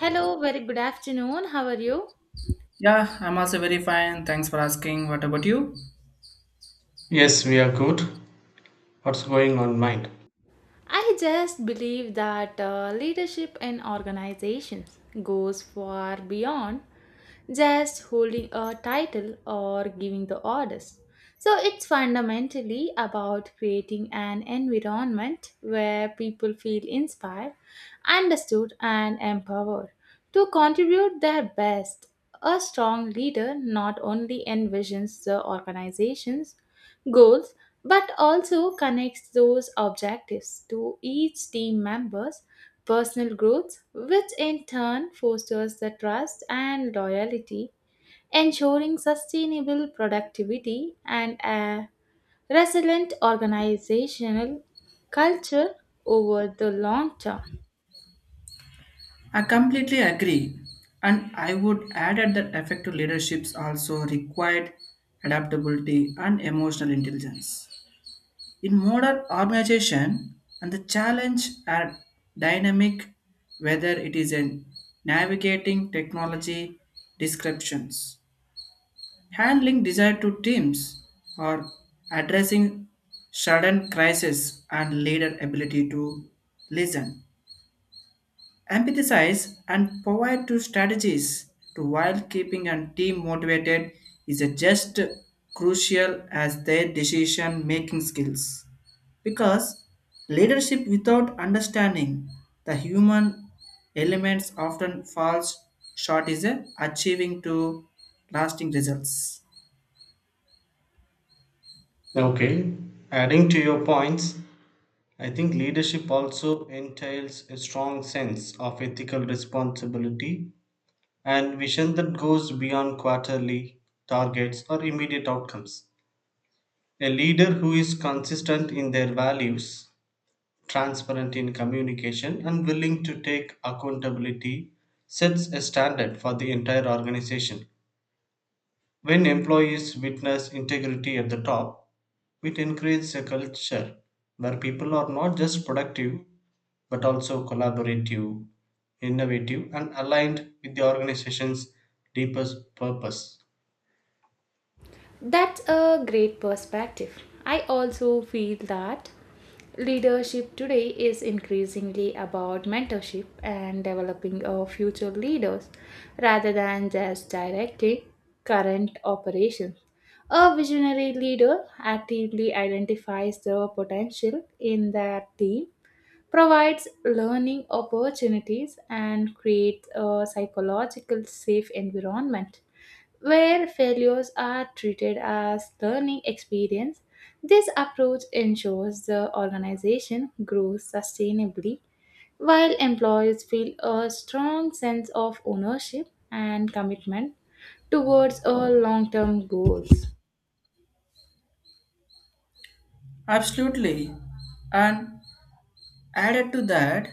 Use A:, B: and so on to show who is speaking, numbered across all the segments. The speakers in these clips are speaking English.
A: Hello, very good afternoon. How are you?
B: Yeah, I'm also very fine. Thanks for asking. What about you?
C: Yes, we are good. What's going on mind?
A: I just believe that leadership in organizations goes far beyond just holding a title or giving the orders. So it's fundamentally about creating an environment where people feel inspired, understood, and empowered to contribute their best. A strong leader not only envisions the organization's goals but also connects those objectives to each team member's personal growth which in turn fosters the trust and loyalty ensuring sustainable productivity and a resilient organizational culture over the long term.
B: I completely agree. And I would add at that the effective leaderships also required adaptability and emotional intelligence. In modern organization, and the challenge are dynamic, whether it is in navigating technology descriptions, handling desire to teams, or addressing sudden crisis and leader ability to listen, empathize and provide two strategies to while keeping and team motivated is a just crucial as their decision making skills because leadership without understanding the human elements often falls short is a achieving to lasting results
C: Okay, adding to your points, I think leadership also entails a strong sense of ethical responsibility and vision that goes beyond quarterly targets or immediate outcomes. A leader who is consistent in their values, transparent in communication, and willing to take accountability sets a standard for the entire organization. When employees witness integrity at the top, it encourages a culture where people are not just productive but also collaborative, innovative, and aligned with the organization's deepest purpose.
A: That's a great perspective. I also feel that leadership today is increasingly about mentorship and developing our future leaders rather than just directing current operations. A visionary leader actively identifies the potential in their team provides learning opportunities and creates a psychological safe environment where failures are treated as learning experience. This approach ensures the organization grows sustainably while employees feel a strong sense of ownership and commitment towards a long-term goals.
B: absolutely and added to that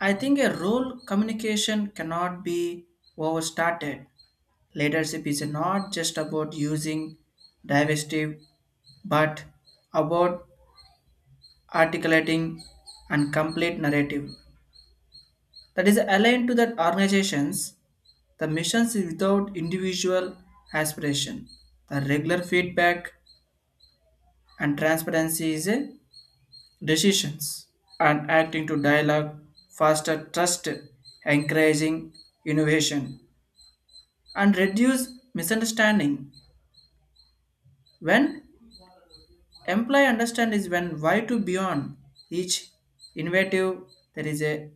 B: I think a role communication cannot be overstated. Leadership is not just about using divestitive, but about articulating and complete narrative that is aligned to that organizations, the missions without individual aspiration. The regular feedback and transparency is a decisions and acting to dialogue, foster trust, encouraging innovation and reduce misunderstanding. When employee understand is when why to beyond each innovative there is a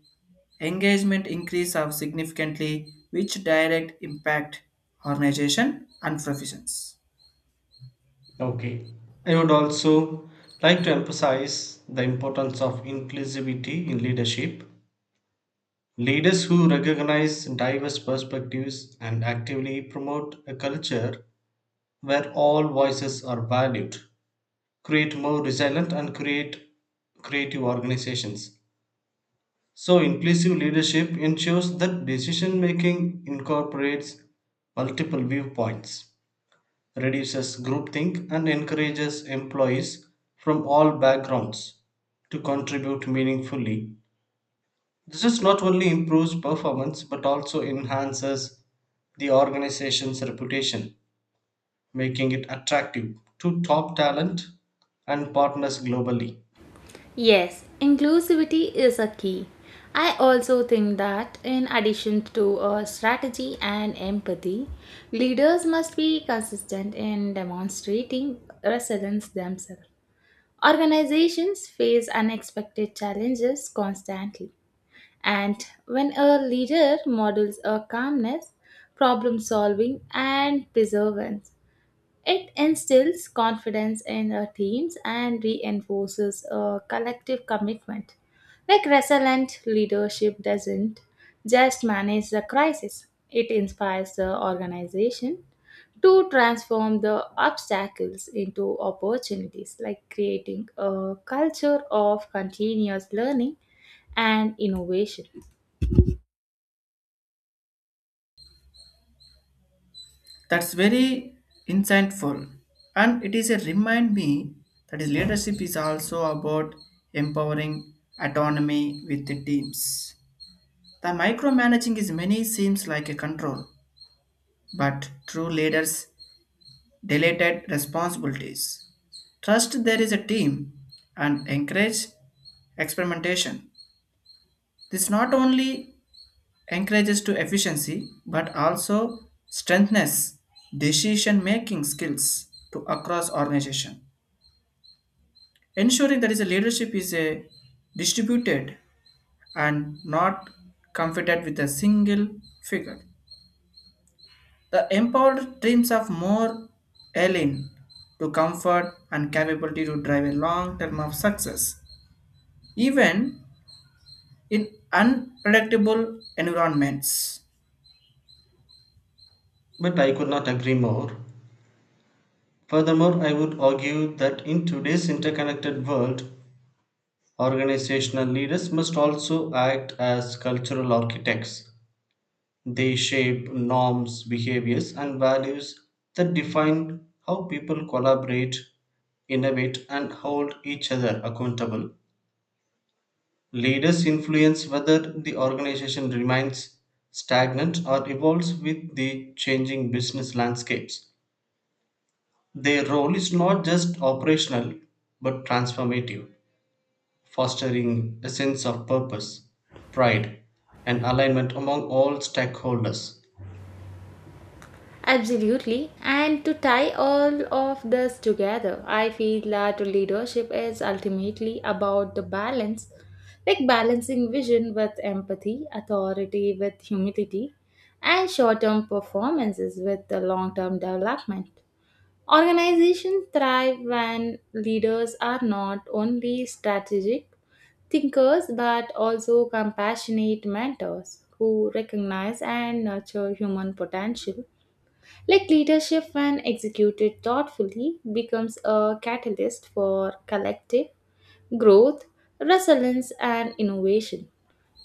B: engagement increase of significantly which direct impact organization and professions.
C: Okay, I would also like to emphasize the importance of inclusivity in leadership. Leaders who recognize diverse perspectives and actively promote a culture where all voices are valued create more resilient and create creative organizations. So, inclusive leadership ensures that decision making incorporates multiple viewpoints, reduces groupthink, and encourages employees from all backgrounds to contribute meaningfully. This is not only improves performance but also enhances the organization's reputation, making it attractive to top talent and partners globally.
A: Yes, inclusivity is a key. I also think that in addition to a strategy and empathy, leaders must be consistent in demonstrating resilience themselves. Organizations face unexpected challenges constantly, and when a leader models a calmness, problem solving, and perseverance, it instills confidence in our teams and reinforces a collective commitment. Like resilient leadership doesn't just manage the crisis, it inspires the organization to transform the obstacles into opportunities, like creating a culture of continuous learning and innovation.
B: That's very insightful and it is a remind me that is leadership is also about empowering autonomy with the teams. The micromanaging is many seems like a control, but true leaders deleted responsibilities. Trust there is a team and encourage experimentation. This not only encourages to efficiency but also strengthens decision making skills to across organization. Ensuring that is a leadership is a distributed and not confided with a single figure. The empowered dreams of more Ellen to comfort and capability to drive a long term of success, even in unpredictable environments.
C: But I could not agree more. Furthermore, I would argue that in today's interconnected world, organizational leaders must also act as cultural architects. They shape norms, behaviors, and values that define how people collaborate, innovate, and hold each other accountable. Leaders influence whether the organization remains stagnant or evolves with the changing business landscapes. Their role is not just operational but transformative, fostering a sense of purpose, pride, and alignment among all stakeholders.
A: Absolutely. And to tie all of this together, I feel that leadership is ultimately about the balance, like balancing vision with empathy, authority with humility, and short term performances with the long term development. Organizations thrive when leaders are not only strategic thinkers but also compassionate mentors who recognize and nurture human potential like leadership, when executed thoughtfully, becomes a catalyst for collective growth, resilience, and innovation,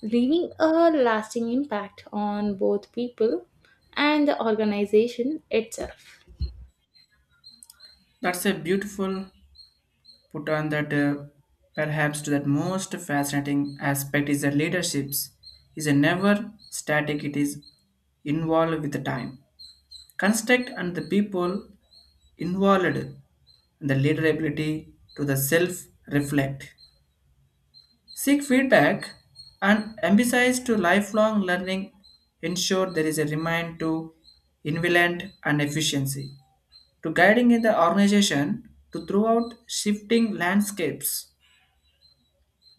A: leaving a lasting impact on both people and the organization itself.
B: That's a beautiful put on that perhaps to that most fascinating aspect is that leaderships is a never static, it is involved with the time. Construct and the people involved and the leader ability to the self reflect, seek feedback and emphasize to lifelong learning ensure there is a remind to invalent and efficiency to guiding in the organization to throughout shifting landscapes.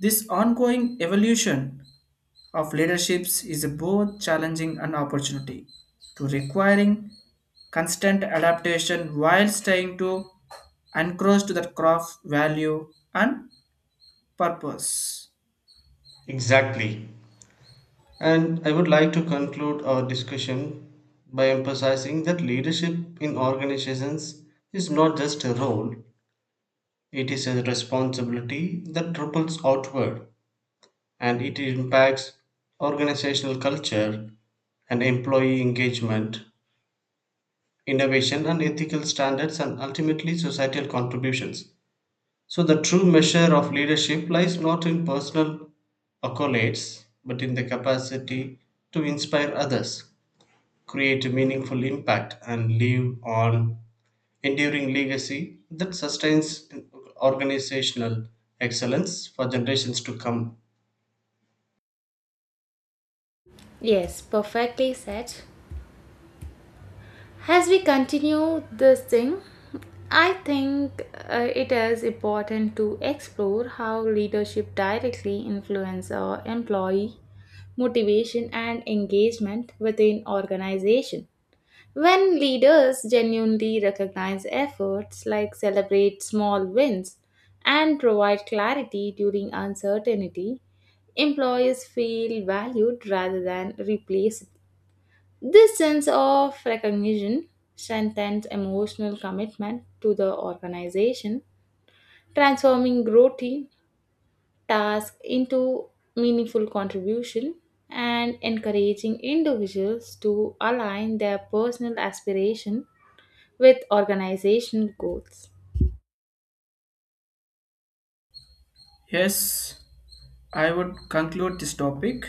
B: This ongoing evolution of leaderships is both challenging and opportunity to requiring constant adaptation while staying to encroach to the craft value and purpose.
C: Exactly. And I would like to conclude our discussion by emphasizing that leadership in organizations is not just a role, it is a responsibility that ripples outward and it impacts organizational culture and employee engagement, innovation and ethical standards, and ultimately societal contributions. So, the true measure of leadership lies not in personal accolades, but in the capacity to inspire others, create a meaningful impact, and leave on enduring legacy that sustains organizational excellence for generations to come.
A: Yes, perfectly said. As we continue this thing, I think it is important to explore how leadership directly influence our employee motivation, and engagement within organization. When leaders genuinely recognize efforts like celebrate small wins and provide clarity during uncertainty, employees feel valued rather than replaced. This sense of recognition strengthens emotional commitment to the organization, transforming routine task into meaningful contribution and encouraging individuals to align their personal aspiration with organizational goals.
B: Yes. I would conclude this topic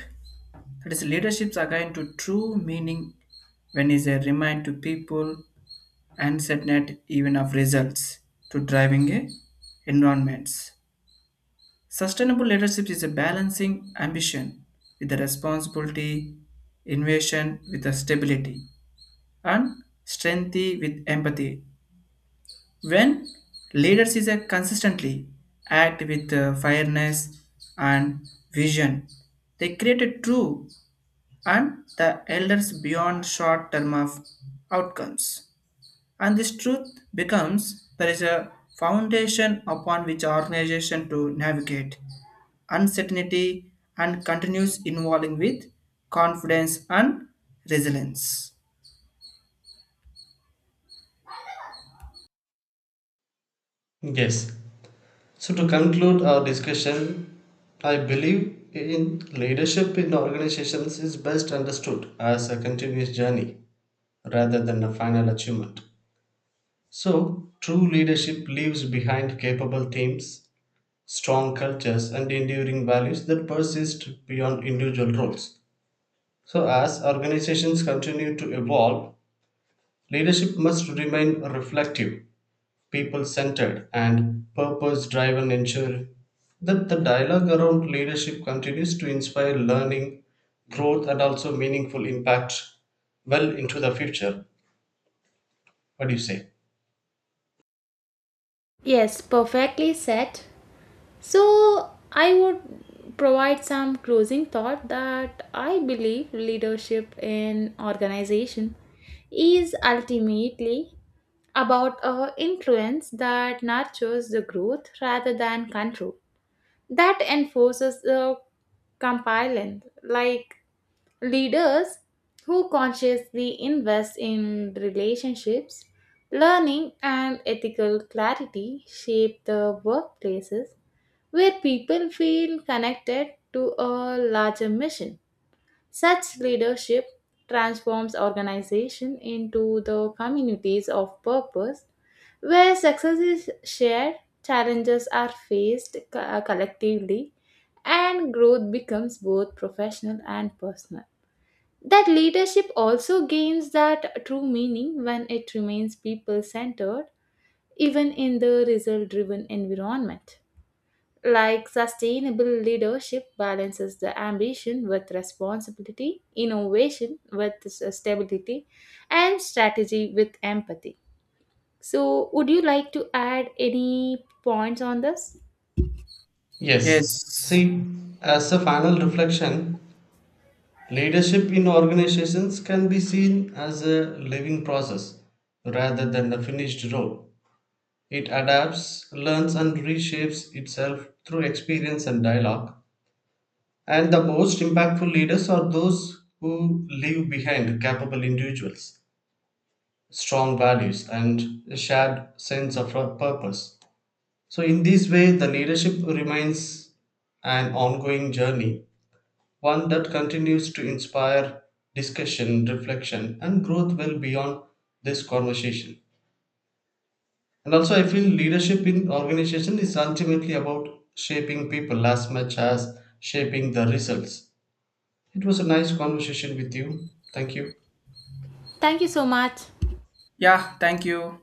B: that is leadership's again to true meaning when is a remind to people and set net even of results to driving a environments. Sustainable leadership is a balancing ambition with the responsibility, innovation with the stability, and strength with empathy. When leaders is a consistently act with fairness and vision, they create a true and the elders beyond short term of outcomes. And this truth becomes there is a foundation upon which organization to navigate uncertainty and continues involving with confidence and resilience.
C: Yes. So, to conclude our discussion, I believe in leadership in organizations is best understood as a continuous journey rather than a final achievement. So, true leadership leaves behind capable teams, strong cultures, and enduring values that persist beyond individual roles. So, as organizations continue to evolve, leadership must remain reflective, people centered, and purpose driven, ensuring that the dialogue around leadership continues to inspire learning, growth, and also meaningful impact well into the future. What do you say?
A: Yes, perfectly said. So, I would provide some closing thought that I believe leadership in organization is ultimately about a influence that nurtures the growth rather than control that enforces the compliance, like leaders who consciously invest in relationships, learning, and ethical clarity shape the workplaces where people feel connected to a larger mission. Such leadership transforms organization into the communities of purpose where success is shared, challenges are faced collectively, and growth becomes both professional and personal. That leadership also gains that true meaning when it remains people centered, even in the result driven environment. Like sustainable leadership balances the ambition with responsibility, innovation with stability, and strategy with empathy. So, would you like to add any points on this?
C: Yes.
B: Yes.
C: See, as a final reflection, leadership in organizations can be seen as a living process rather than a finished role. It adapts, learns, and reshapes itself through experience and dialogue. And the most impactful leaders are those who leave behind capable individuals, strong values, and a shared sense of purpose. So, in this way, the leadership remains an ongoing journey, one that continues to inspire discussion, reflection, and growth well beyond this conversation. And also, I feel leadership in organization is ultimately about shaping people as much as shaping the results. It was a nice conversation with you. Thank you.
A: Thank you so much.
B: Yeah, thank you.